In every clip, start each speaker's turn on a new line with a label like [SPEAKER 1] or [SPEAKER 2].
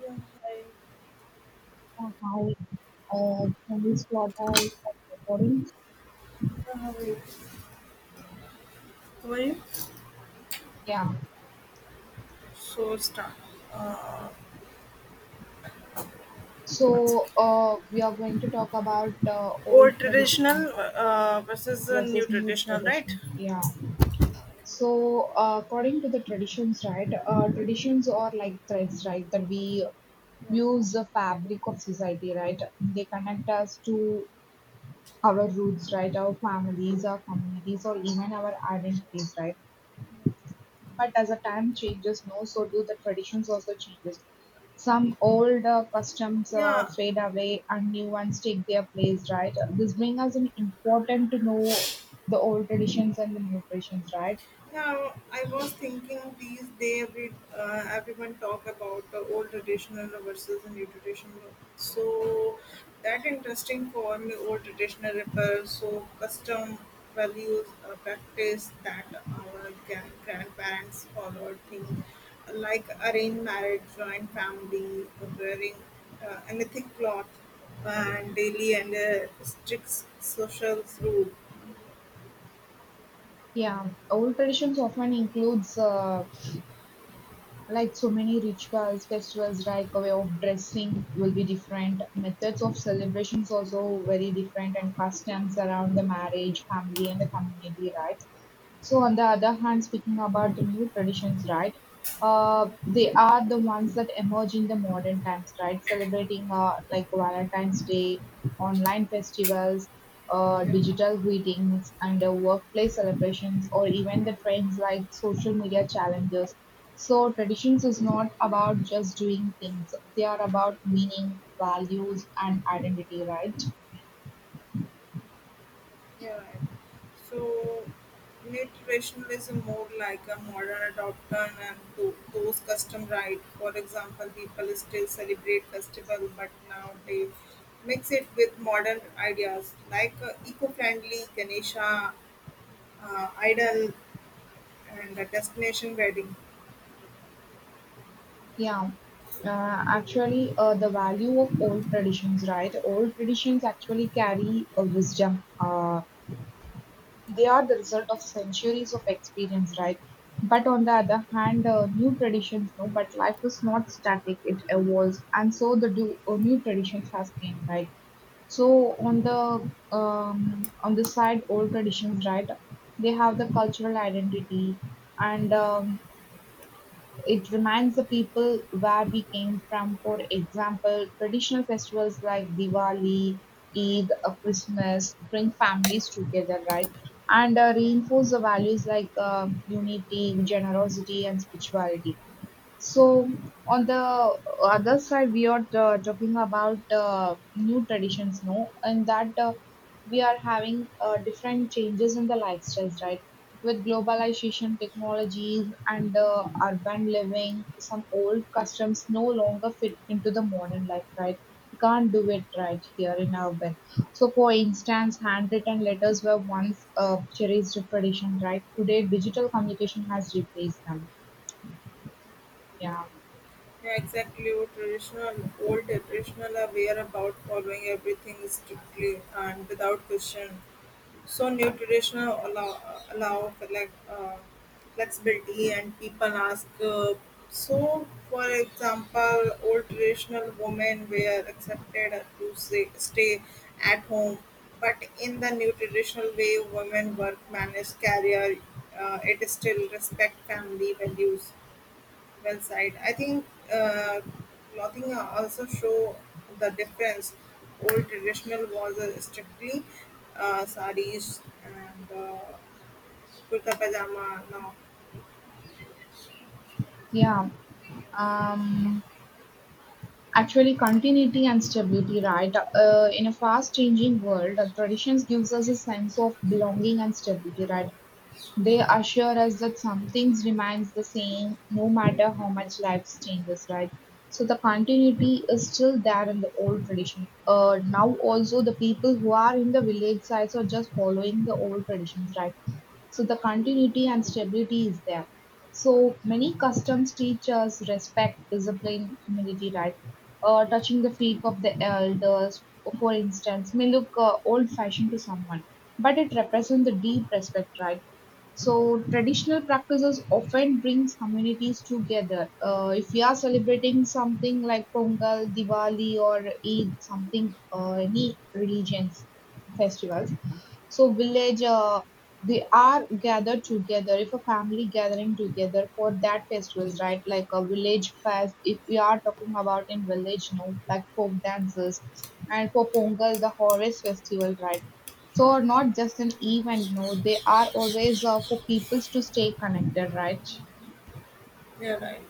[SPEAKER 1] Yeah, hi.
[SPEAKER 2] Uh, Hi, can we start our recording?
[SPEAKER 1] How are you? How are you?
[SPEAKER 2] Yeah.
[SPEAKER 1] So start. What's
[SPEAKER 2] So we are going to talk about old
[SPEAKER 1] old
[SPEAKER 2] tradition
[SPEAKER 1] traditional versus the new
[SPEAKER 2] versus new
[SPEAKER 1] traditional, right?
[SPEAKER 2] tradition. Yeah. So according to the traditions, right? Traditions are like threads, right? That we use the fabric of society, right? They connect us to our roots, right? Our families, our communities, or even our identities, right? But as the time changes, no, so do the traditions also changes. Some old customs
[SPEAKER 1] Yeah.
[SPEAKER 2] fade away and new ones take their place, right? This brings us an important to know the old traditions and the new traditions, right?
[SPEAKER 1] Yeah, I was thinking these day every everyone talk about the old traditional versus the new traditional. So that interesting for me, old traditional repair, so custom values, practice that our grandparents followed things like arranged marriage, joint family, wearing anything cloth, and daily and strict social rule.
[SPEAKER 2] Yeah, old traditions often includes like so many rituals, festivals, like a way of dressing will be different. Methods of celebrations also very different, and customs around the marriage, family, and the community, right? So, on the other hand, speaking about the new traditions, right? They are the ones that emerge in the modern times, right? Celebrating like Valentine's Day, online festivals,
[SPEAKER 1] Yeah.
[SPEAKER 2] digital greetings, and workplace celebrations, or even the trends like social media challenges. So traditions is not about just doing things; they are about meaning, values, and identity, right?
[SPEAKER 1] Yeah, right. So, net rationalism more like a modern adoption and those custom right. For example, people still celebrate festival, but now they mix it with modern ideas like eco-friendly Ganesha idol and a destination wedding.
[SPEAKER 2] Yeah. The value of old traditions, right? Old traditions actually carry a wisdom. They are the result of centuries of experience, right? But on the other hand, new traditions, no, but life is not static, it evolves. And so the do, new traditions has came, right? So on the side, old traditions, right? They have the cultural identity and it reminds the people where we came from. For example, traditional festivals like Diwali, Eid, Christmas bring families together, right? And reinforce the values like unity, generosity, and spirituality. So on the other side, we are talking about new traditions, no, and that we are having different changes in the lifestyles, right? With globalization, technologies, and urban living, some old customs no longer fit into the modern life, right? We can't do it right here in our bed. So, for instance, handwritten letters were once a cherished tradition, right? Today, digital communication has replaced them. Yeah.
[SPEAKER 1] Yeah, exactly. Or traditional, old traditional are aware about following everything strictly and without question. So new traditional allow for like flexibility and people ask. So for example, old traditional women were accepted to say, stay at home, but in the new traditional way, women work, manage career. It is still respect family values. Well said. I think uh, clothing also show the difference. Old traditional was strictly sarees and kurta pajama now.
[SPEAKER 2] Yeah. Um, actually, continuity and stability, right? In a fast-changing world, traditions gives us a sense of belonging and stability, right? They assure us that some things remains the same no matter how much life changes, right? So the continuity is still there in the old tradition. Now also the people who are in the village sides are just following the old traditions, right? So the continuity and stability is there. So many customs teach us respect, discipline, humility, right? Touching the feet of the elders, for instance, may look old-fashioned to someone, but it represents the deep respect, right? So traditional practices often brings communities together. If we are celebrating something like Pongal, Diwali, or Eid, something any religions festivals, so village, they are gathered together. If a family gathering together for that festivals, right? Like a village fest. If we are talking about in village, no, like folk dances, and for Pongal the harvest festival, right? So are not just an event, no, they are always for people to stay connected, right?
[SPEAKER 1] Yeah, right.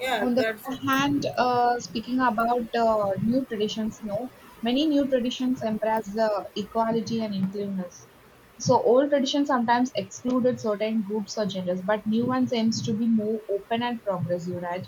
[SPEAKER 1] Yeah,
[SPEAKER 2] On the
[SPEAKER 1] that's
[SPEAKER 2] other
[SPEAKER 1] a,
[SPEAKER 2] hand, speaking about new traditions, no, many new traditions embrace the equality and inclusiveness. So old traditions sometimes excluded certain groups or genders, but new ones aims to be more open and progressive, right?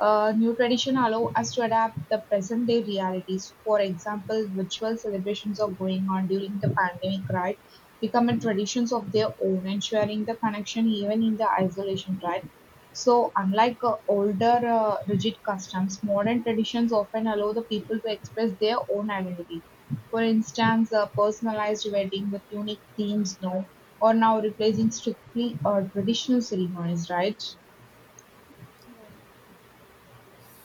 [SPEAKER 2] New tradition allow us to adapt the present day realities. For example, virtual celebrations are going on during the pandemic, right? Becoming traditions of their own and sharing the connection even in the isolation, right? So, unlike older rigid customs, modern traditions often allow the people to express their own identity. For instance, a personalized wedding with unique themes now or now replacing strictly traditional ceremonies, right?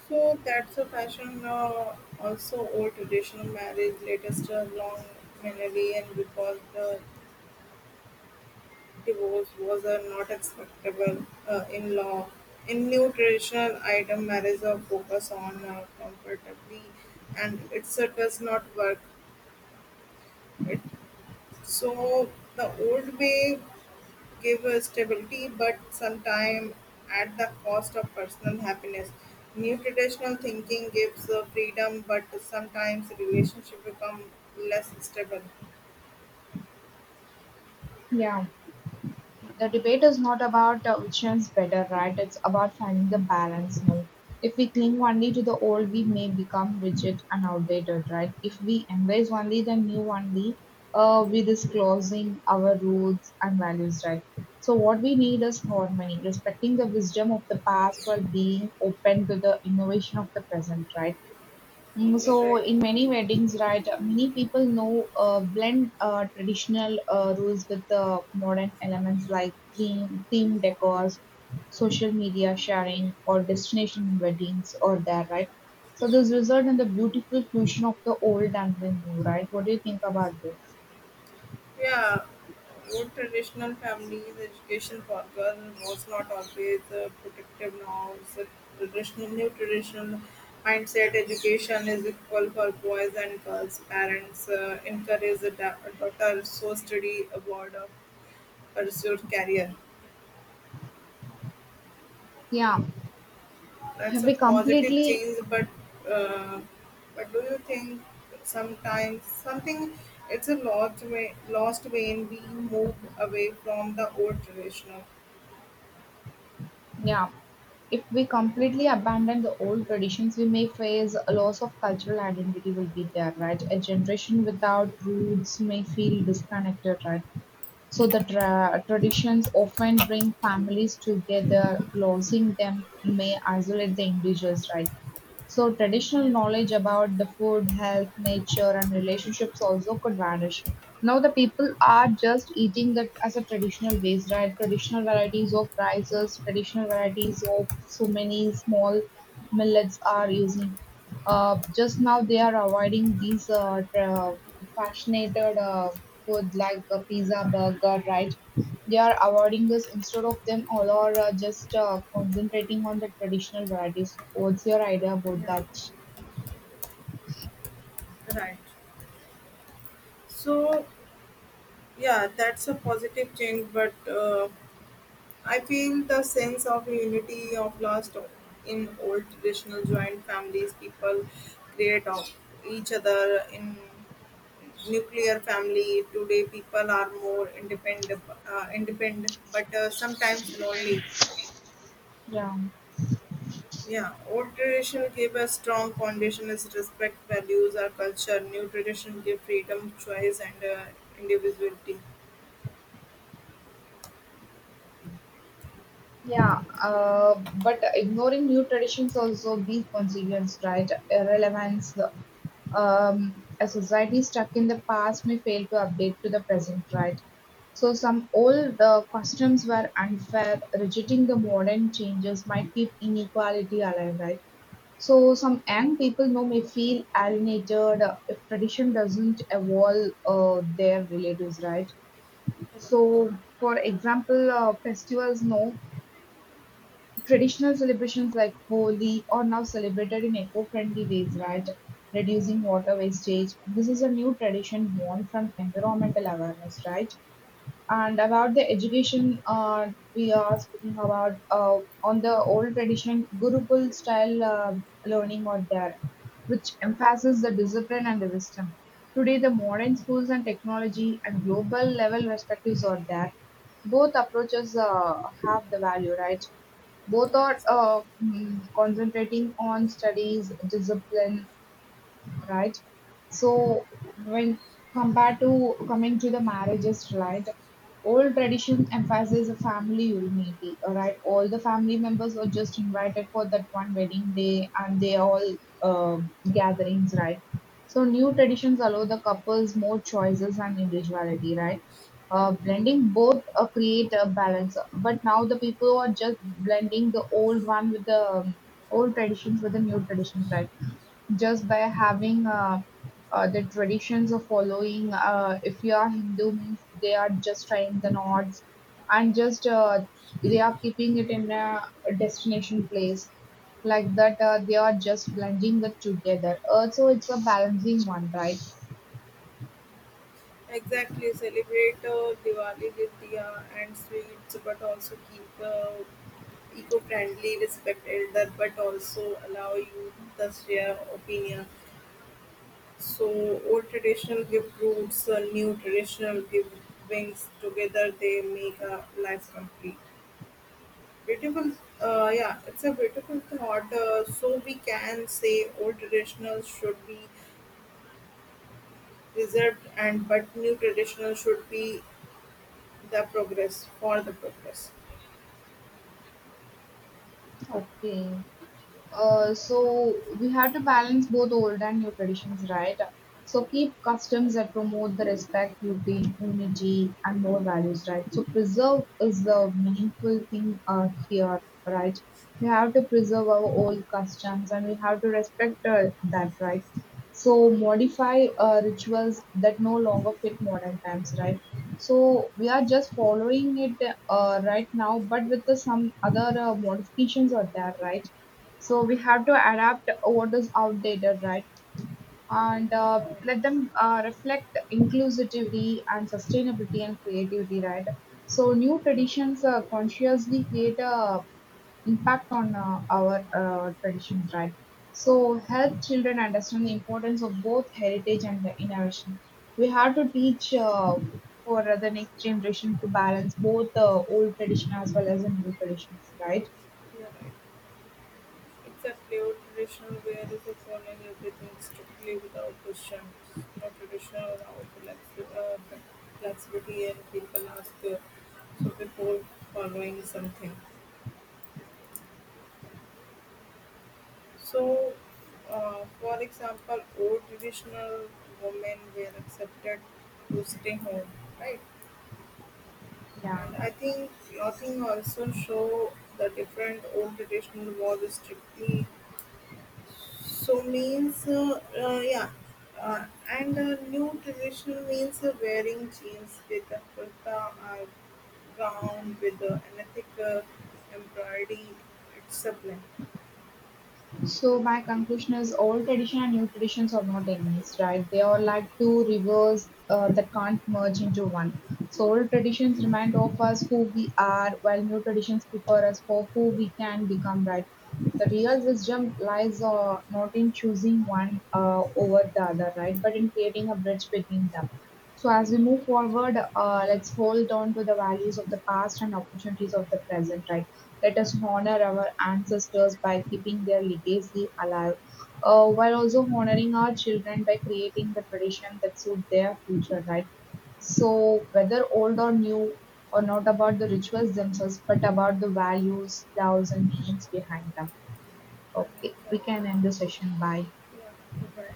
[SPEAKER 1] So that's a fashion now. Also, old traditional marriage, latest long melody and because the divorce was a not acceptable in law. In new traditional item, marriage are focus on comfortably, and it does not work. It, so the old way gave a stability, but sometimes at the cost of personal happiness. New traditional thinking gives freedom, but sometimes relationship become less stable.
[SPEAKER 2] Yeah. The debate is not about which one's better, right? It's about finding the balance mode. If we cling only to the old, we may become rigid and outdated, right? If we embrace only the new only, we disclosing our roots and values, right? So what we need is harmony, respecting the wisdom of the past while being open to the innovation of the present, right? So
[SPEAKER 1] Correct.
[SPEAKER 2] in many weddings, right, many people know blend traditional rules with the modern elements like theme decors, social media sharing, or destination weddings, or there, right? So this result in the beautiful fusion of the old and the new, right? What do you think about this?
[SPEAKER 1] Yeah, your traditional families' education for girls was not always protective norms. The traditional, new traditional mindset education is equal for boys and girls. Parents encourage the daughter so study abroad or pursue career.
[SPEAKER 2] Yeah,
[SPEAKER 1] That's
[SPEAKER 2] have
[SPEAKER 1] a
[SPEAKER 2] we
[SPEAKER 1] positive
[SPEAKER 2] completely
[SPEAKER 1] change, uh, but do you think sometimes something it's a lost way in being moved away from the old traditional?
[SPEAKER 2] Yeah. If we completely abandon the old traditions, we may face a loss of cultural identity will be there, right? A generation without roots may feel disconnected, right? So the traditions often bring families together, losing them may isolate the individuals, right? So traditional knowledge about the food, health, nature, and relationships also could vanish. Now the people are just eating that as a traditional ways, right? Traditional varieties of rices, traditional varieties of so many small millets are using. Just now they are avoiding these fascinated food like a pizza, burger, right? They are avoiding this instead of them all are just concentrating on the traditional varieties. What's your idea about
[SPEAKER 1] Yeah.
[SPEAKER 2] that?
[SPEAKER 1] Right. So, yeah, that's a positive change, but I feel the sense of unity of lost in old traditional joint families. People create of each other in nuclear family. Today, people are more independent, but sometimes lonely.
[SPEAKER 2] Yeah.
[SPEAKER 1] Yeah, old tradition gave a strong foundation as respect, values, or culture. New tradition give freedom, choice, and individuality.
[SPEAKER 2] Yeah, but ignoring new traditions also be consequence, right? Irrelevance. A society stuck in the past may fail to update to the present, right? So some old customs were unfair. Rejecting the modern changes might keep inequality alive, right? So some young people now may feel alienated if tradition doesn't evolve their relatives, right? So for example, festivals no. Traditional celebrations like Holi are now celebrated in eco-friendly ways, right? Reducing water wastage. This is a new tradition born from environmental awareness, right? And about the education, we are speaking about on the old tradition Gurukul style learning out there, which emphasizes the discipline and the wisdom. Today, the modern schools and technology and global level perspectives are there. Both approaches have the value, right? Both
[SPEAKER 1] Yeah,
[SPEAKER 2] are
[SPEAKER 1] sir.
[SPEAKER 2] concentrating on studies, discipline, right? So when compared to coming to the marriages, right? Old tradition emphasizes a family unity, right? All the family members were just invited for that one wedding day, and they all uh, gatherings, right? So new traditions allow the couples more choices and individuality, right? Blending both create a balance, but now the people are just blending the old one with the old traditions with the new traditions, right? Just by having the traditions of following. If you are Hindu, means they are just tying the knots and just they are keeping it in a destination place like that. They are just blending it together. Also, it's a balancing one, right?
[SPEAKER 1] Exactly, celebrate Diwali with diya and sweets, but also keep eco-friendly, respect elder, but also allow you to share opinion. So old traditional gift groups, new traditional gift wings together, they make a life complete. Beautiful, yeah, it's a beautiful thought. So we can say old traditional should be reserved, and but new traditional should be the progress, for the progress.
[SPEAKER 2] Okay. So we have to balance both old and new traditions, right? So keep customs that promote the respect, beauty, unity, and more values, right? So preserve is the meaningful thing here, right? We have to preserve our old customs and we have to respect that, right? So modify rituals that no longer fit modern times, right? So we are just following it right now, but with some other modifications are there, right? So we have to adapt what is outdated, right? And let them reflect inclusivity and sustainability and creativity, right? So new traditions consciously create a impact on our traditions, right? So help children understand the importance of both heritage and the innovation. We have to teach for the next generation to balance both old tradition as well as the new traditions, right?
[SPEAKER 1] Yeah, are right. Except neo-traditional wear is a following everything strictly without question. No traditional without flexibility and people ask so before following something. So, for example, old traditional women were accepted to stay home, right?
[SPEAKER 2] Yeah.
[SPEAKER 1] And I think clothing also show the different old traditional was strictly. So means yeah, and new traditional means wearing jeans with a kurta or gown with an ethical embroidery. It's a blend.
[SPEAKER 2] So my conclusion is all tradition and new traditions are not enemies, right? They are like 2 rivers that can't merge into one. So old traditions remind of us who we are, while new traditions prepare us for who we can become, right? The real wisdom lies not in choosing one over the other, right? But in creating a bridge between them. So as we move forward, let's hold on to the values of the past and opportunities of the present, right? Let us honor our ancestors by keeping their legacy alive, while also honoring our children by creating the tradition that suit their future, right? So whether old or new, or not about the rituals themselves, but about the values, laws, and meanings behind them. Okay,
[SPEAKER 1] Yeah,
[SPEAKER 2] we can end the session. Bye.
[SPEAKER 1] you